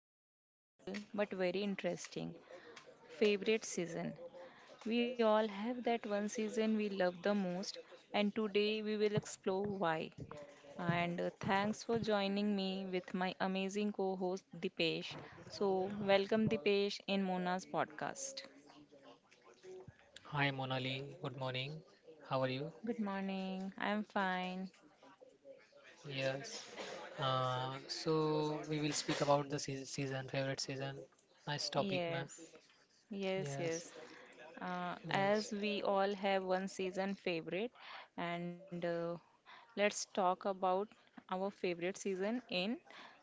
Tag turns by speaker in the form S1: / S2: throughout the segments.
S1: something simple but very interesting favorite season. We all have that one season we love the most, and today we will explore why. And Thanks for joining me with my amazing co host Dipesh. So, welcome Dipesh in Mona's podcast.
S2: Hi Monali, good morning. How are you?
S1: Good morning, I'm fine.
S2: Yes. So we will speak about the season, favorite season. Nice topic, ma'am.
S1: Yes. Yes,
S2: Yes,
S1: yes.
S2: yes,
S1: As we all have one season favorite and let's talk about our favorite season in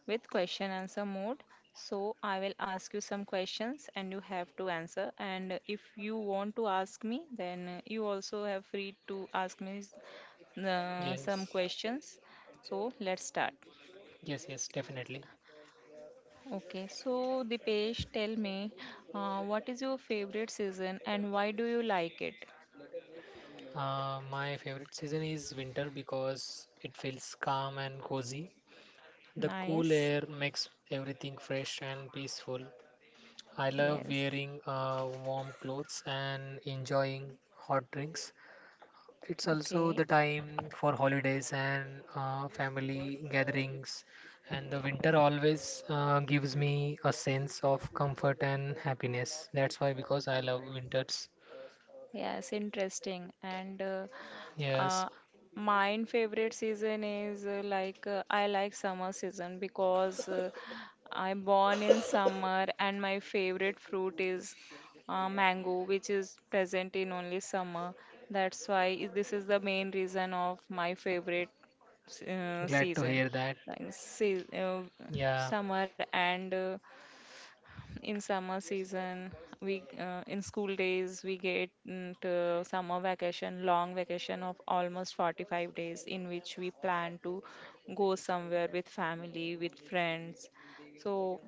S1: with question answer mode, so I will ask you some questions and you have to answer, and if you want to ask me then you also have free to ask me some
S2: yes,
S1: questions, so let's start.
S2: yes, yes, definitely.
S1: Okay, so Dipesh tell me, what is your favorite season and why do you like it?
S2: My favorite season is winter because it feels calm and cozy. The cool
S1: Nice.
S2: air makes everything fresh and peaceful. I love
S1: Yes.
S2: wearing warm clothes and enjoying hot drinks. It's also
S1: Okay.
S2: the time for holidays and family gatherings, and the winter always gives me a sense of comfort and happiness. That's why, because I love winters.
S1: Yes, interesting. And
S2: Yes,
S1: uh, Mine favorite season is like I like summer season because I born in summer and my favorite fruit is mango, which is present in only summer. That's why this is the main reason of my favorite
S2: glad to
S1: season,
S2: hear that.
S1: like
S2: Yeah,
S1: summer. And In summer season we in school days we get to summer vacation, long vacation of almost 45 days in which we plan to go somewhere with family with friends. So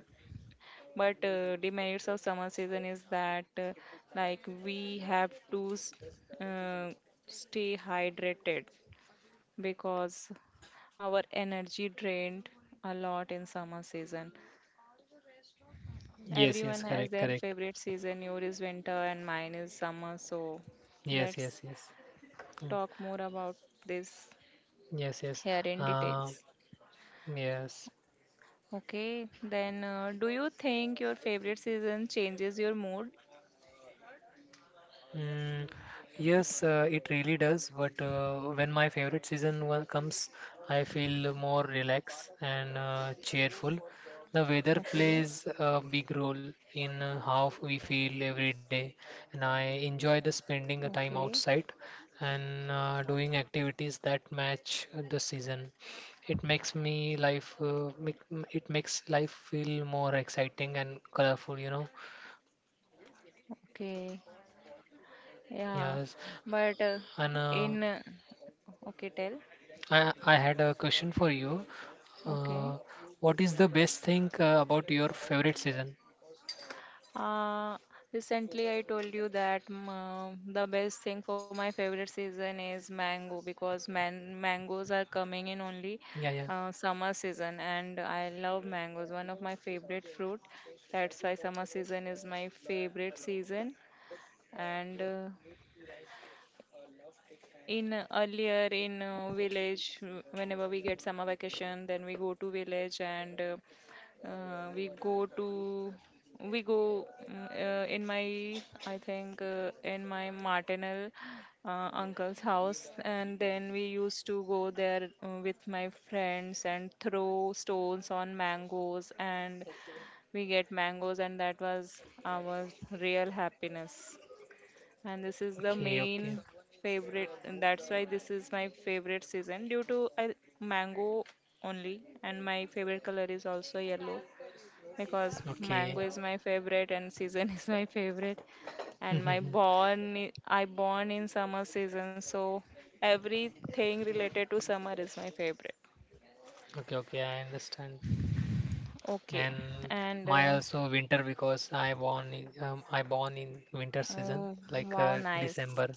S1: but demerits of summer season is that, like we have to uh, stay hydrated because our energy drained a lot in summer season.
S2: yes, yes,
S1: Everyone has
S2: correct,
S1: their
S2: correct.
S1: favorite season. Your is winter and mine is summer. So
S2: Yes,
S1: let's
S2: yes, yes. Mm.
S1: talk more about this
S2: Yes, yes.
S1: here in
S2: Uh,
S1: details.
S2: yes.
S1: Okay, then do you think your favorite season changes your mood?
S2: Mm, yes, it really does. But when my favorite season comes, I feel more relaxed and cheerful. The weather
S1: Okay,
S2: plays a big role in how we feel every day, and I enjoy the
S1: okay,
S2: spending the time outside and doing activities that match the season. It makes me life uh, make, it makes life feel more exciting and colorful, you know.
S1: okay. Yeah,
S2: Yes,
S1: but
S2: and
S1: in okay, tell.
S2: I had a question for you.
S1: Okay.
S2: Uh, what is the best thing about your favorite season?
S1: Uh, Recently, I told you that the best thing for my favorite season is mango because mangoes are coming in only
S2: Yeah, yeah.
S1: summer season, and I love mangoes, one of my favorite fruit. That's why summer season is my favorite season. And in Earlier in village, whenever we get summer vacation, then we go to village and uh, we go to we go in my, I think in my maternal uncle's house, and then we used to go there with my friends and throw stones on mangoes, and we get mangoes, and that was our real happiness. And this is the
S2: Okay, okay.
S1: main favorite, and that's why this is my favorite season due to I, mango only, and my favorite color is also yellow because
S2: Okay.
S1: mango is my favorite and season is my favorite. and my
S2: Mhm.
S1: born i I born in summer season, so everything related to summer is my favorite.
S2: Okay, okay, I understand.
S1: Okay.
S2: And
S1: and
S2: my also winter because I born in winter season
S1: Oh,
S2: like
S1: wow, nice.
S2: December.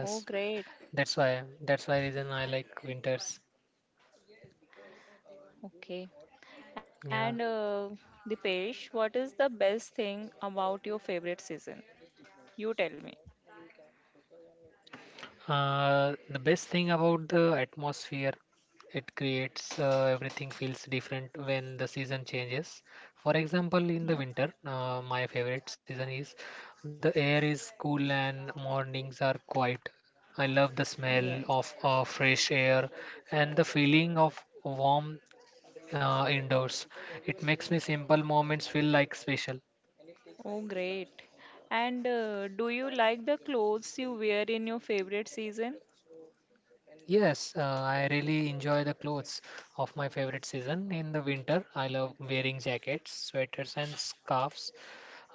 S1: Oh, great.
S2: that's why reason I like winters.
S1: Okay,
S2: Yeah.
S1: and Dipesh, what is the best thing about your favorite season? You tell me.
S2: The best thing about the atmosphere it creates, everything feels different when the season changes. For example, in the
S1: Yes,
S2: winter, my favorite season is the air is cool and mornings are quiet. I love the smell of
S1: yes.
S2: fresh air and the feeling of warm indoors. It makes me simple moments feel like special.
S1: Oh, great. And do you like the clothes you wear in your favorite season?
S2: Yes, I really enjoy the clothes of my favorite season. In the winter, I love wearing jackets, sweaters, and scarves.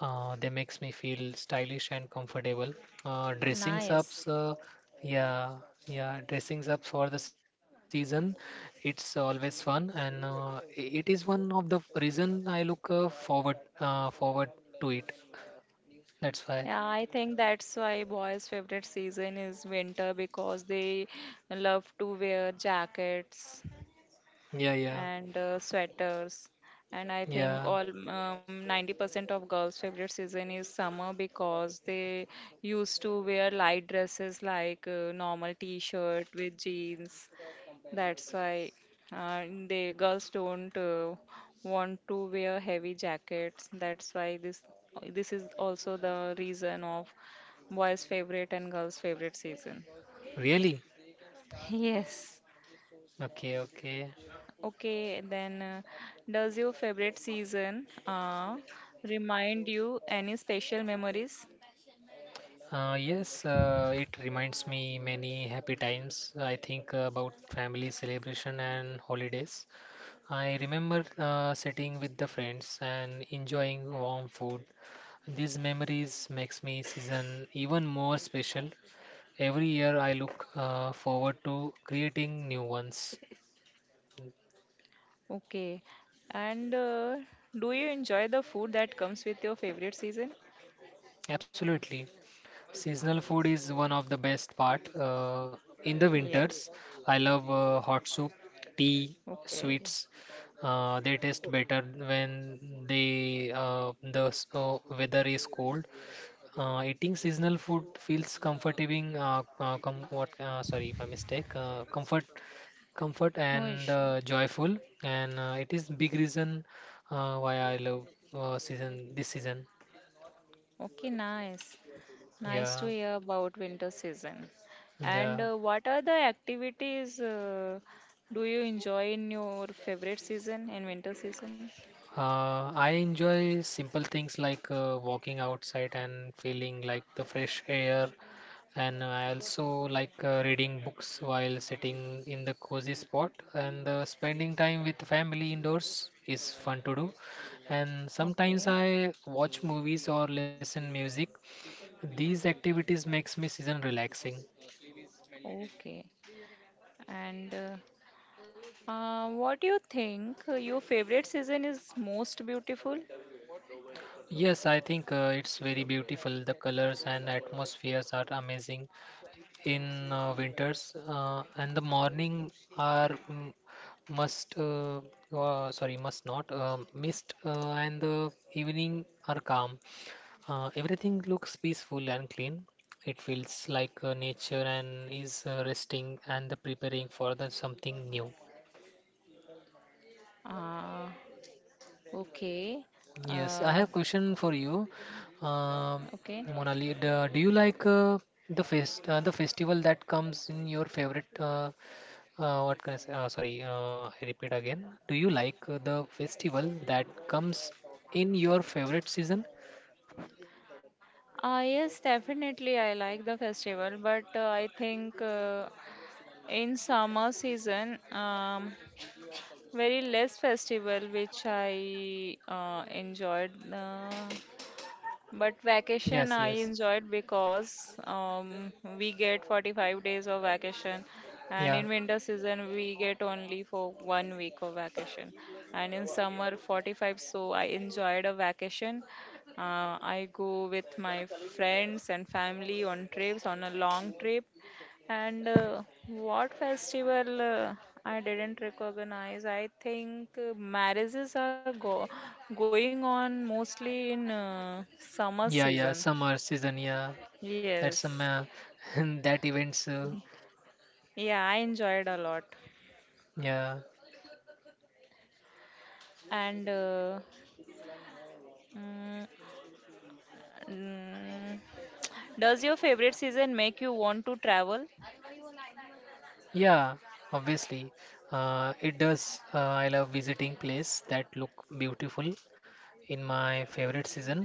S2: They makes me feel stylish and comfortable. Dressings ups,
S1: Nice.
S2: yeah, yeah, dressings up for the season. It's always fun, and it is one of the reason I look forward to it. That's why.
S1: Yeah, I think that's why boys' favorite season is winter because they love to wear jackets
S2: Yeah, yeah,
S1: and sweaters. And I think
S2: yeah.
S1: all 90% of girls' favorite season is summer because they used to wear light dresses like normal t-shirt with jeans. That's why the girls don't want to wear heavy jackets. That's why this this is also the reason of boys' favorite and girls' favorite season.
S2: Really?
S1: Yes.
S2: Okay, okay.
S1: Okay, then does your favorite season remind you any special memories?
S2: Yes, it reminds me many happy times. I think about family celebration and holidays. I remember sitting with the friends and enjoying warm food. These memories makes me season even more special. Every year I look forward to creating new ones.
S1: Okay, and do you enjoy the food that comes with your favorite season?
S2: Absolutely. Seasonal food is one of the best part. In the winters,
S1: Yes.
S2: I love hot soup, tea,
S1: Okay,
S2: sweets. They taste better when they the s- weather is cold. Eating seasonal food feels comforting. Com what? Sorry, my mistake. Comfort,
S1: no
S2: and
S1: issue.
S2: joyful. And it is big reason why I love season this season.
S1: Okay, nice. Nice to
S2: Yeah,
S1: hear about winter season. And
S2: yeah.
S1: what are the activities, do you enjoy in your favorite season, in winter season?
S2: I enjoy simple things like walking outside and feeling like the fresh air, and I also like reading books while sitting in the cozy spot. And spending time with family indoors is fun to do. And sometimes
S1: Okay,
S2: I watch movies or listen music. These activities makes me season relaxing.
S1: okay. And What do you think, your favorite season is most beautiful?
S2: Yes, I think it's very beautiful. The colors and atmospheres are amazing. In winters and the morning are mm, must sorry must not mist and the evening are calm, everything looks peaceful and clean. It feels like nature and is resting and the preparing for the something new.
S1: Ah, okay.
S2: Yes, I
S1: Uh,
S2: have question for you. Um,
S1: okay.
S2: Monali, do you like the festival that comes in your favorite what can I say? Sorry, I repeat again. Do you like the festival that comes in your favorite season?
S1: Ah, yes, definitely. I like the festival, but I think, in summer season, very less festival which I enjoyed. But
S2: Yes,
S1: vacation
S2: yes.
S1: I enjoyed because we get 45 days of vacation, and
S2: Yeah,
S1: in winter season we get only for 1 week of vacation, and in summer 45. So I enjoyed a vacation. I go with my friends and family on trips on a long trip, and what festival I didn't recognize? I think marriages are go going on mostly in summer
S2: yeah, yeah.
S1: season.
S2: Summer season, yeah. That's some
S1: Yes.
S2: that events.
S1: Yeah, I enjoyed a lot.
S2: Yeah,
S1: And mm, mm, does your favorite season make you want to travel?
S2: yeah. Obviously, it does. I love visiting place that look beautiful in my favorite season.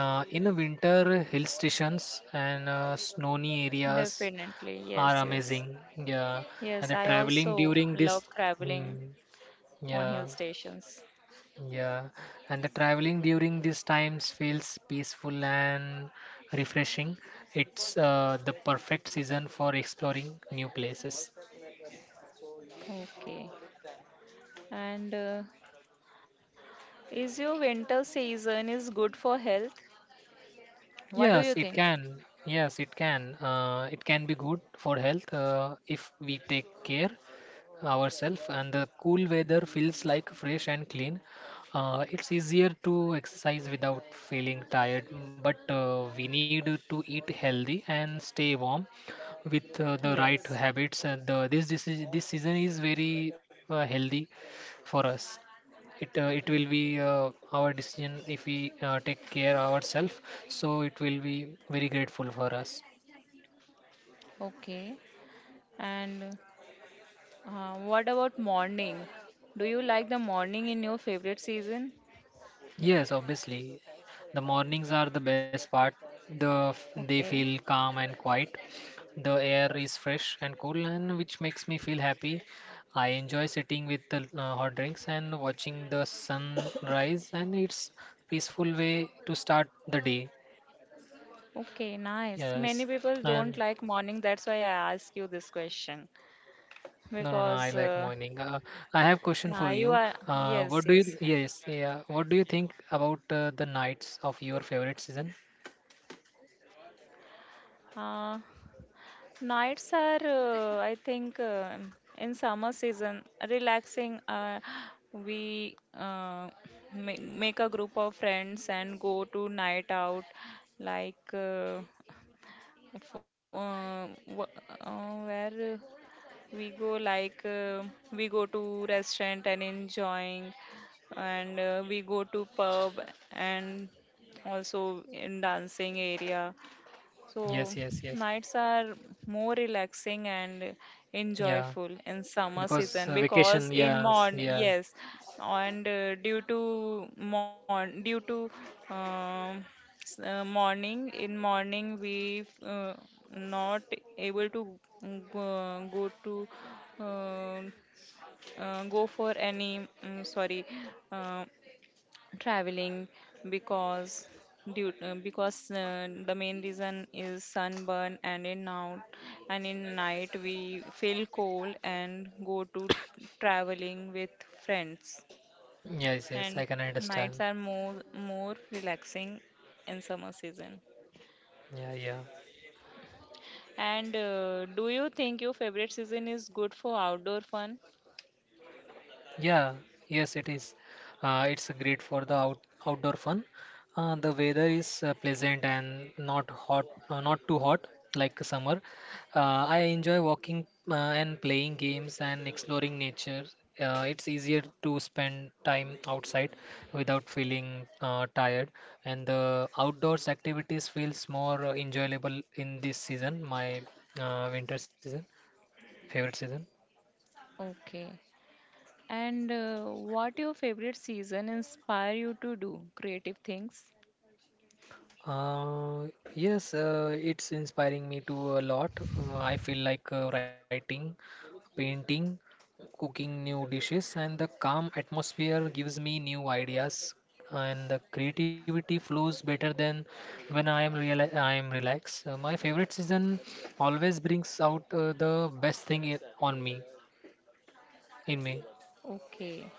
S2: In a winter, hill stations and snowy areas
S1: Definitely.
S2: are
S1: Yes,
S2: amazing.
S1: yes.
S2: Yeah, and
S1: Yes,
S2: the
S1: I
S2: traveling
S1: also
S2: during this,
S1: love traveling
S2: mm,
S1: on hill
S2: yeah,
S1: stations.
S2: yeah, and the traveling during these times feels peaceful and refreshing. It's the perfect season for exploring new places.
S1: Okay. And Is your winter season is good for health? What do
S2: Yes,
S1: you
S2: it
S1: think?
S2: can. Yes, it can. It can be good for health if we take care ourselves, and the cool weather feels like fresh and clean. It's easier to exercise without feeling tired, but we need to eat healthy and stay warm with the right
S1: Yes.
S2: habits. And the, this is this season is very healthy for us. It will be our decision if we take care ourselves. So it will be very grateful for us.
S1: Okay. And what about morning? Do you like the morning in your favorite season?
S2: Yes, obviously. The mornings are the best part. The they feel
S1: Okay.
S2: calm and quiet. The air is fresh and cool, and which makes me feel happy. I enjoy sitting with the hot drinks and watching the sun rise, and it's peaceful way to start the day.
S1: Okay, nice.
S2: Yes,
S1: Many people don't
S2: and
S1: like morning. That's why I ask you this question
S2: no, no, no. I like
S1: because
S2: morning. I have question for you.
S1: you are,
S2: What do
S1: yes,
S2: you?
S1: yes.
S2: Yes, yeah. What do you think about the nights of your favorite season?
S1: Uh, nights are, I think, in summer season, relaxing. We make a group of friends and go to night out, like, where we go, like, we go to restaurant and enjoying, and we go to pub and also in dancing area.
S2: Yes,
S1: So
S2: yes, yes.
S1: nights are more relaxing and
S2: Yeah,
S1: enjoyable in summer
S2: because
S1: season
S2: vacation,
S1: because in
S2: yes,
S1: morn,
S2: yeah,
S1: yes, and due to um, morning, in morning we not able to go to uh, go for any sorry. Uh, Traveling because due because the main reason is sunburn and in now, and in night we feel cold and go to traveling with friends,
S2: yes, yes, I
S1: and
S2: can understand.
S1: nights are more relaxing in summer season.
S2: Yeah, yeah.
S1: And do you think your favorite season is good for outdoor fun?
S2: Yeah, yes, it is. Uh, it's great for the outdoor fun. The weather is uh, pleasant and not too hot like summer. I enjoy walking and playing games and exploring nature. It's easier to spend time outside without feeling tired, and the outdoors activities feels more enjoyable in this season, my winter season, favorite season.
S1: Okay, and what your favorite season inspire you to do creative things?
S2: Uh, yes, it's inspiring me to a lot. I feel like writing, painting, cooking new dishes, and the calm atmosphere gives me new ideas, and the creativity flows better than when I am relaxed. My favorite season always brings out the best thing on me, in me.
S1: Okay.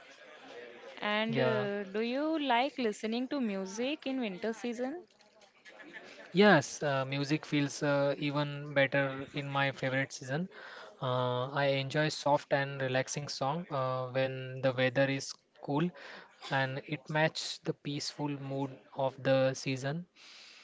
S1: And
S2: Yeah.
S1: do you like listening to music in winter season?
S2: Yes, music feels even better in my favorite season. I enjoy soft and relaxing song when the weather is cool, and it match the peaceful mood of the season.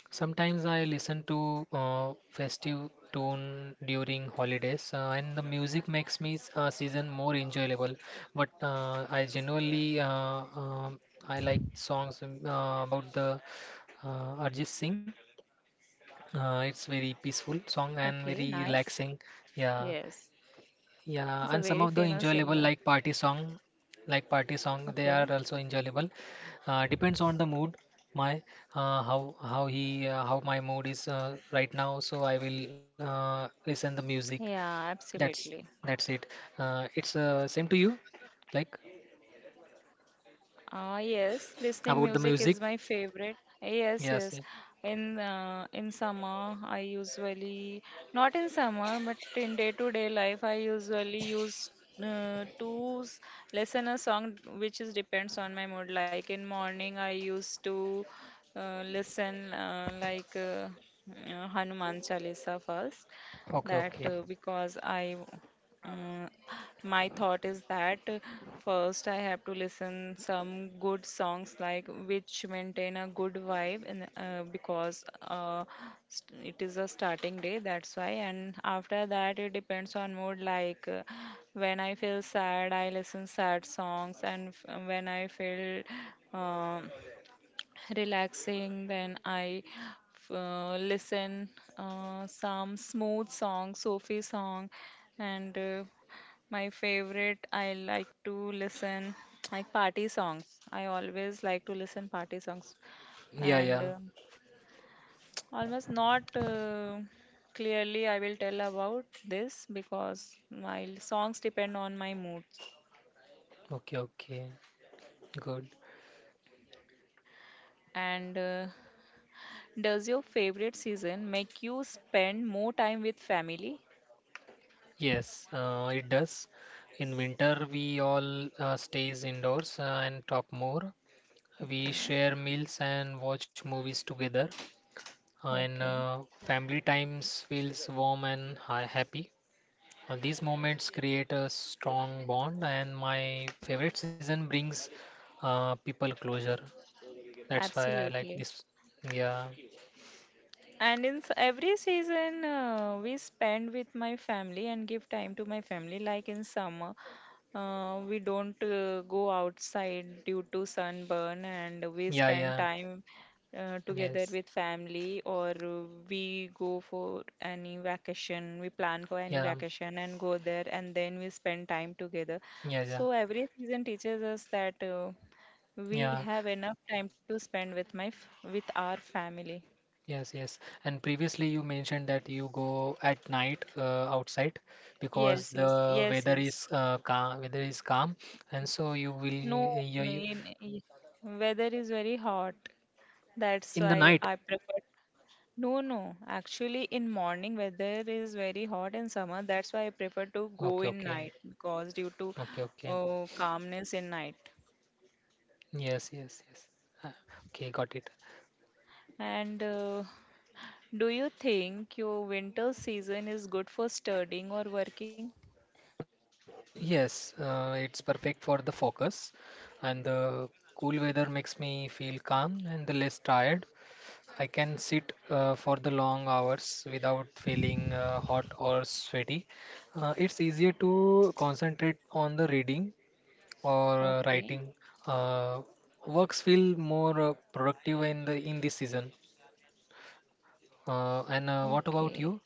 S2: Sometimes I listen to festive tune during holidays and the music makes me season more enjoyable. But uh, I generally I like songs about the Arjit Singh, it's very peaceful
S1: Okay,
S2: song and
S1: nice.
S2: very relaxing. Yeah,
S1: Yes, he's a
S2: yeah, and
S1: very
S2: some of the
S1: famous
S2: enjoyable
S1: singer.
S2: like party song, they are
S1: Okay,
S2: also enjoyable. Depends on the mood, my how he how my mood is right now. So I will listen the music.
S1: yeah,
S2: That's
S1: absolutely.
S2: that's it. It's same to you, like
S1: Ah, yes, listening
S2: about the
S1: music is
S2: music.
S1: my favorite. Yes,
S2: Yes.
S1: yes.
S2: Yeah.
S1: In summer, I usually not in summer, but in day-to-day life, I usually use uh, to s- listen a song which is depends on my mood. Like in morning, I used to listen Hanuman Chalisa first.
S2: Okay.
S1: That
S2: Okay.
S1: because I. uh, my thought is that, first I have to listen some good songs like which maintain a good vibe, and because it is a starting day, that's why. And after that it depends on mood, like, when I feel sad I listen sad songs, and when I feel um relaxing, then I listen some smooth song, sophie song. And My favorite, I like to listen like party songs. I always like to listen party songs,
S2: Yeah.
S1: and
S2: Yeah.
S1: almost not clearly I will tell about this because my songs depend on my mood.
S2: Okay. Okay. Good.
S1: And does your favorite season make you spend more time with family?
S2: Yes, it does. In winter, we all stays indoors and talk more. We
S1: Okay,
S2: share meals and watch movies together, and
S1: okay,
S2: family times feels warm and happy. These moments create a strong bond, and my favorite season brings people closure. That's why I like
S1: absolutely.
S2: this. Yeah,
S1: And in every season, we spend with my family and give time to my family. Like in summer, we don't go outside due to sunburn, and we
S2: yeah,
S1: spend
S2: yeah,
S1: time together
S2: yes,
S1: with family, or we go for any vacation. We plan for any
S2: yeah,
S1: vacation and go there, and then we spend time together.
S2: yeah, yeah,
S1: So every season teaches us that we
S2: yeah.
S1: have enough time to spend with with our family.
S2: Yes, yes. And previously you mentioned that you go at night outside
S1: Yes,
S2: because
S1: yes, yes,
S2: the weather
S1: yes.
S2: is weather is calm, and so you will
S1: No, no,
S2: you
S1: in, I- Weather is very hot. That's
S2: in the
S1: why
S2: night.
S1: I prefer. No, no. Actually, in morning weather is very hot in summer. That's why I prefer to go
S2: Okay,
S1: in
S2: okay,
S1: night because due to
S2: okay, okay.
S1: calmness in night.
S2: Yes, yes, yes. Ah, okay, got it.
S1: And do you think your winter season is good for studying or working?
S2: Yes, it's perfect for the focus, and the cool weather makes me feel calm and the less tired. I can sit for the long hours without feeling hot or sweaty. It's easier to concentrate on the reading or writing.
S1: Okay.
S2: Uh, works feel more uh, productive in this season. And what
S1: Okay.
S2: about you?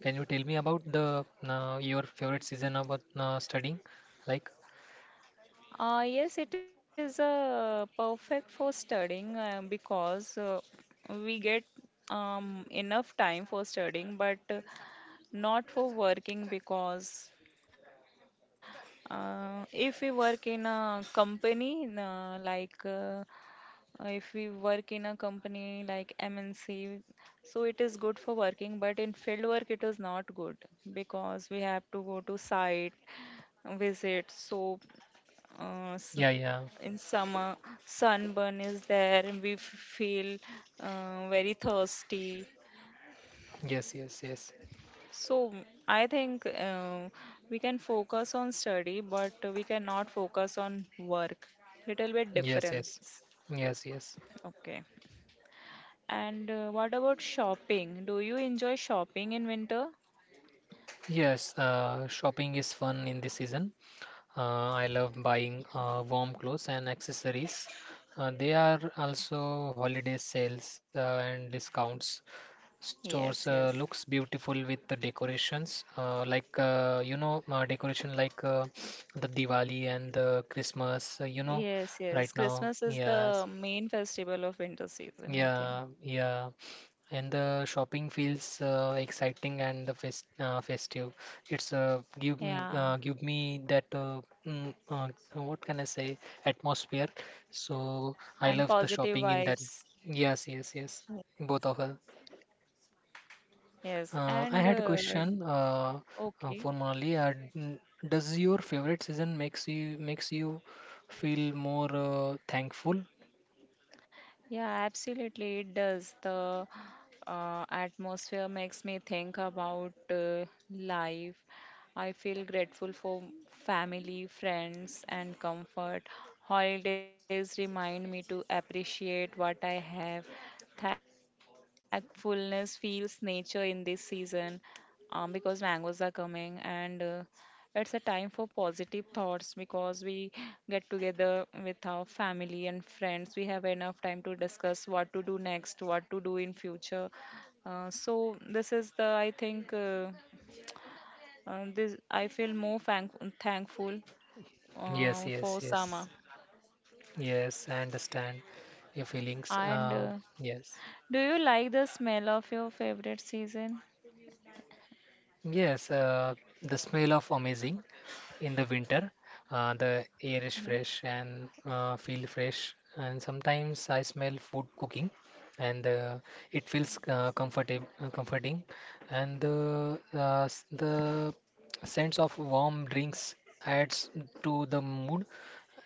S2: Can you tell me about the your favorite season about studying? Like,
S1: Yes, it is perfect for studying because we get enough time for studying, but not for working because if we work in a company, if we work in a company like MNC, so it is good for working, but in field work it is not good because we have to go to site visit. So uh, s-
S2: yeah, yeah,
S1: in summer sunburn is there, and we feel very thirsty.
S2: yes, yes, yes,
S1: So I think we can focus on study, but we cannot focus on work. Little bit
S2: yes, yes,
S1: difference.
S2: yes, yes.
S1: Okay, and what about shopping, do you enjoy shopping in winter?
S2: Yes, shopping is fun in this season. I love buying warm clothes and accessories. They are also holiday sales and discounts. Stores
S1: Yes, yes,
S2: looks beautiful with the decorations, like you know, decoration like the Diwali and the Christmas. You know,
S1: yes, yes.
S2: right now,
S1: Christmas is
S2: yes,
S1: the main festival of winter season, I think.
S2: yeah, yeah, and the shopping feels exciting and the fest festive. It's
S1: Yeah,
S2: give me that what can I say atmosphere. So I
S1: and
S2: love the
S1: positive
S2: shopping in that.
S1: vibes.
S2: Yes, yes, yes. Both of us.
S1: Yes,
S2: I had
S1: and
S2: a question uh, for
S1: okay.
S2: Monali. Does your favorite season makes you feel more thankful?
S1: Yeah, absolutely, it does. The atmosphere makes me think about life. I feel grateful for family, friends, and comfort. Holidays remind me to appreciate what I have. Thankfulness feels nature in this season because mangoes are coming, and it's a time for positive thoughts because we get together with our family and friends. We have enough time to discuss what to do next, what to do in future. So this is the, I think, this I feel more thankful
S2: Yes,
S1: for
S2: yes, yes.
S1: summer.
S2: Yes, I understand your feelings.
S1: And
S2: Yes.
S1: do you like the smell of your favorite season?
S2: Yes, the smell of amazing in the winter. The air is
S1: Yeah.
S2: fresh and feel fresh. And sometimes I smell food cooking, and it feels uh, comforting. And the sense of warm drinks adds to the mood.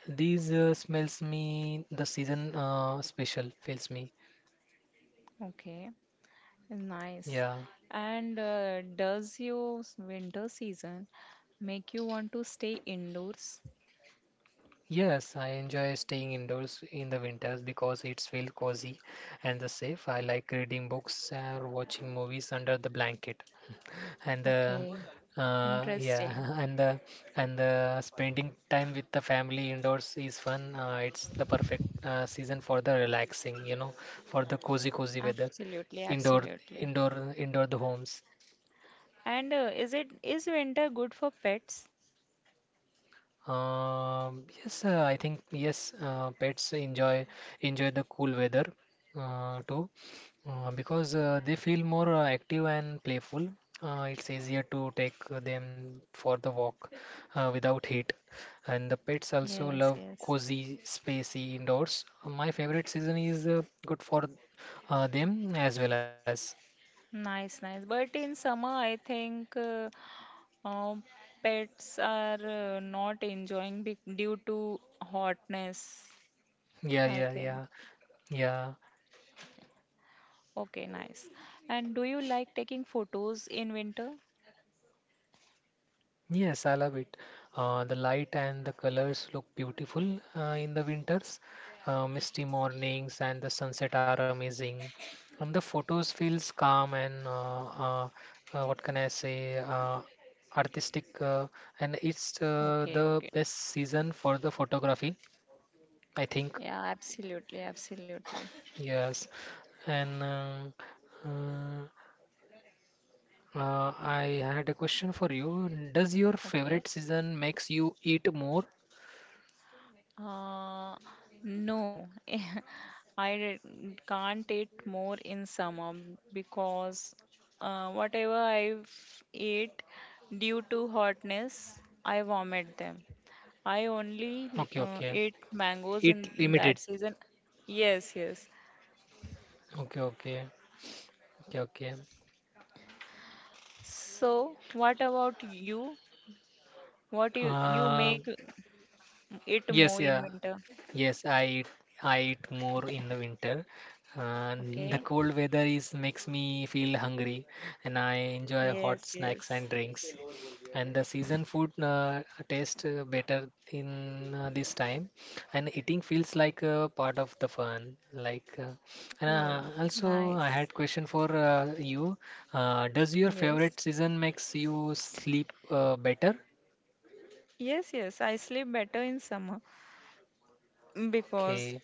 S2: These smells me the season special feels me.
S1: Okay.
S2: Yeah.
S1: Nice. And does your winter season make you want to stay indoors?
S2: Yes, I enjoy staying indoors in the winters because it's feel cozy and the safe. I like reading books or watching movies under the blanket. And the
S1: Okay,
S2: uh,
S1: interesting.
S2: yeah, and the and the spending time with the family indoors is fun. It's the perfect season for the relaxing, you know, for the cozy weather.
S1: Absolutely,
S2: Indoor
S1: absolutely.
S2: indoor the homes.
S1: And is it is winter good for pets?
S2: Yes, I think yes, pets enjoy the cool weather too because they feel more active and playful. It's easier to take them for the walk without heat, and the pets also
S1: Yes,
S2: love
S1: yes.
S2: cozy, spacey indoors. My favorite season is good for them as well as
S1: Nice, nice. But in summer, I think, uh, pets are not enjoying be due to hotness,
S2: yeah,
S1: I
S2: yeah,
S1: think.
S2: yeah, yeah.
S1: Okay, nice. And do you like taking photos in winter?
S2: Yes, I love it. The light and the colors look beautiful in the winters. Misty mornings and the sunset are amazing. And the photos feels calm and what can I say, artistic. And it's
S1: Okay, okay.
S2: the best season for the photography, I think.
S1: Yeah, absolutely, absolutely.
S2: Yes. And uh, I had a question for you. Does your
S1: Okay.
S2: favorite season makes you eat more?
S1: Uh, no, can't eat more in summer because whatever I've ate due to hotness, I vomit them. I only
S2: Okay, okay.
S1: ate mangoes
S2: It
S1: in
S2: limited.
S1: that season. Yes, yes.
S2: Okay, okay, okay, okay.
S1: So, what about you? What you
S2: Uh,
S1: make it more
S2: yes,
S1: in
S2: yeah,
S1: winter?
S2: yes. I eat more in the winter. Uh, the
S1: Okay.
S2: cold weather is makes me feel hungry, and I enjoy hot
S1: Yes,
S2: snacks
S1: yes.
S2: and drinks. And the season food tastes better in this time, and eating feels like part of the fun, like. Uh,
S1: Oh,
S2: and also
S1: nice.
S2: I had question for you. Does your
S1: Yes.
S2: favorite season makes you sleep better?
S1: Yes, yes. I sleep better in summer
S2: Okay.
S1: because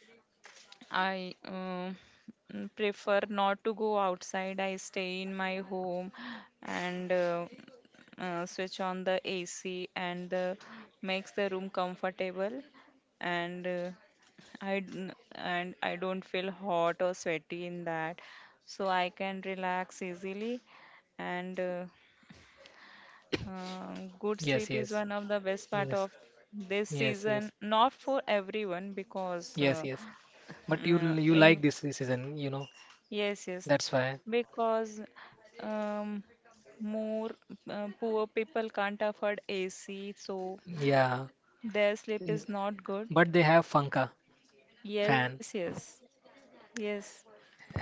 S1: I prefer not to go outside. I stay in my home and switch on the AC, and makes the room comfortable, and and I don't feel hot or sweaty in that. So I can relax easily, and good
S2: Yes,
S1: sleep is
S2: yes,
S1: one of the best part
S2: yes,
S1: of this
S2: yes, yes,
S1: season. Not for everyone because
S2: yes, yes, but you you like
S1: in
S2: this season, you know,
S1: yes, yes,
S2: that's why.
S1: because um, more poor people can't afford AC, so
S2: Yeah,
S1: their sleep is not good.
S2: but they have funka
S1: Yes,
S2: fan,
S1: yes, yes,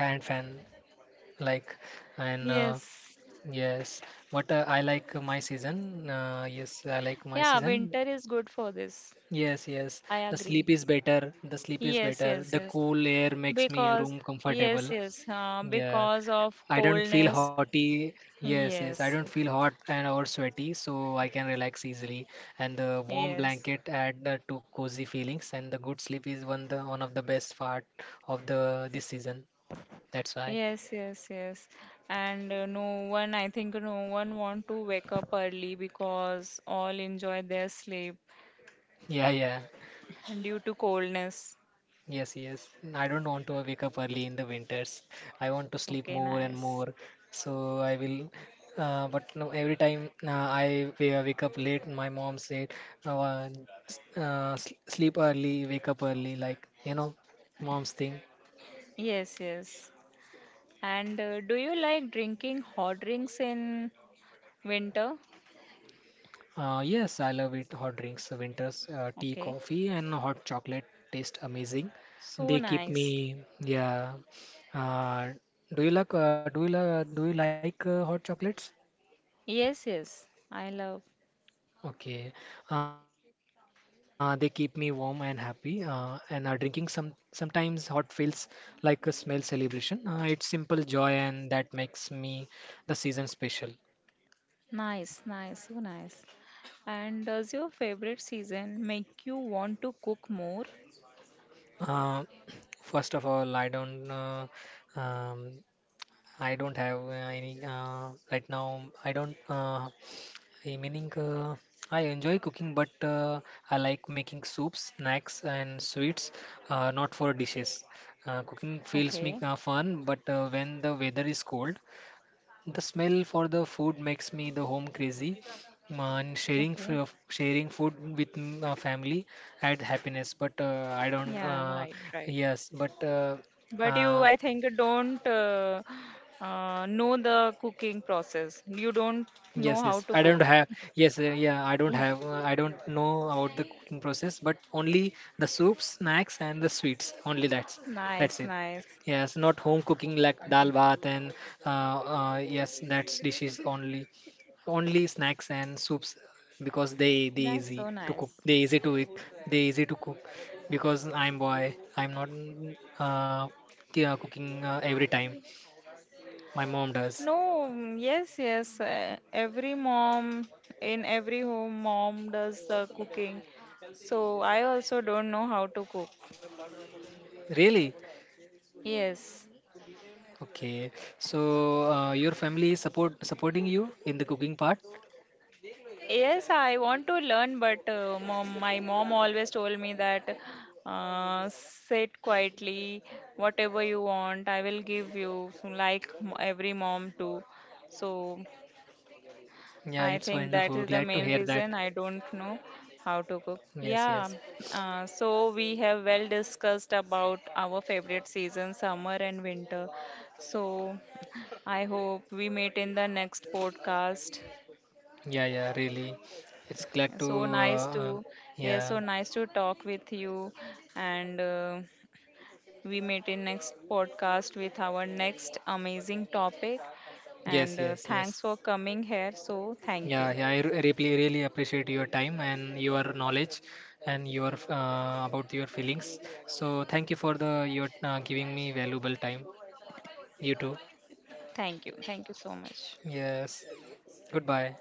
S2: hand fan, like. And
S1: yes.
S2: Yes, but I like my season. Yes, I like my
S1: Yeah, winter
S2: season.
S1: is good for this.
S2: Yes, yes.
S1: I
S2: The
S1: agree.
S2: sleep is better. The sleep is
S1: Yes,
S2: better.
S1: yes,
S2: The
S1: yes.
S2: cool air makes me
S1: Because,
S2: room comfortable.
S1: yes, yes,
S2: Yeah.
S1: because of
S2: I don't feel
S1: coldness,
S2: hotty. Yes, yes. I don't
S1: yes,
S2: feel hot and or sweaty, so I can relax easily. And the warm
S1: yes,
S2: blanket add to cozy feelings. And the good sleep is one of the best part of the this season. That's why.
S1: yes, yes, yes. And no one, I think no one want to wake up early because all enjoy their sleep
S2: Yeah, yeah.
S1: due to coldness.
S2: Yes, yes. I don't want to wake up early in the winters. I want to sleep
S1: Okay,
S2: more and
S1: nice.
S2: more. So I will. But no, every time wake up late, my mom said, uh, "Sleep early, wake up early." Like, you know, mom's thing.
S1: Yes, yes. And do you like drinking hot drinks in winter?
S2: Yes, I love it. Hot drinks, winters, tea,
S1: Okay,
S2: coffee, and hot chocolate taste amazing.
S1: so
S2: They keep
S1: nice.
S2: me. Yeah. Uh, Do you like hot chocolates?
S1: Yes, yes, I love.
S2: Okay, they keep me warm and happy. And Drinking sometimes hot feels like a smell celebration. It's simple joy, and that makes me the season special.
S1: Nice, nice, so nice. And does your favorite season make you want to cook more?
S2: Uh, First of all, um, I don't have any right now. I don't Hey, meaning I enjoy cooking, but I like making soups, snacks, and sweets, not for dishes. Cooking
S1: Okay.
S2: feels me fun, but when the weather is cold, the smell for the food makes me the home crazy. And
S1: Okay.
S2: sharing food with family adds happiness, but I don't.
S1: Yeah, right, right.
S2: Yes, but uh,
S1: But you,
S2: uh,
S1: I think, don't know the cooking process. You don't
S2: Yes, yes.
S1: know how
S2: I
S1: to
S2: don't
S1: cook.
S2: have. Yes, yeah. I don't have.
S1: Eh,
S2: I don't know about the cooking process, but only the soups, snacks, and the sweets. Only that's
S1: nice,
S2: it.
S1: nice.
S2: Yes, not home cooking like
S1: Okay.
S2: dal bath and yes, that's dishes only. Only snacks and soups because they
S1: That's
S2: easy
S1: so
S2: to cook.
S1: nice.
S2: They easy to eat. They easy to cook because I'm boy. I'm not uh, yeah, cooking every time. My mom does.
S1: No, yes, yes. Every mom in every home, mom does the cooking. So I also don't know how to cook.
S2: Really?
S1: Yes.
S2: Okay, so your family is supporting you in the cooking part?
S1: Yes, I want to learn, but mom, my mom always told me that, sit quietly, whatever you want, I will give you, so like every mom too. So
S2: Yeah, it's
S1: I think
S2: wonderful.
S1: that is
S2: Glad
S1: the
S2: to hear
S1: main
S2: that.
S1: reason I don't know how to cook.
S2: Yes,
S1: Yeah,
S2: yes.
S1: so we have well discussed about our favorite season, summer and winter. So I hope we meet in the next podcast.
S2: Yeah, yeah, really. It's glad to,
S1: So
S2: uh,
S1: nice
S2: uh,
S1: to, yeah,
S2: yeah,
S1: so nice to talk with you. And we meet in next podcast with our next amazing topic.
S2: yes,
S1: And
S2: yes, yes.
S1: thanks for coming here. So thank
S2: Yeah,
S1: you.
S2: yeah, really appreciate your time and your knowledge and your about your feelings. So thank you for the your giving me valuable time. You too.
S1: Thank you. Thank you so much.
S2: Yes. Goodbye.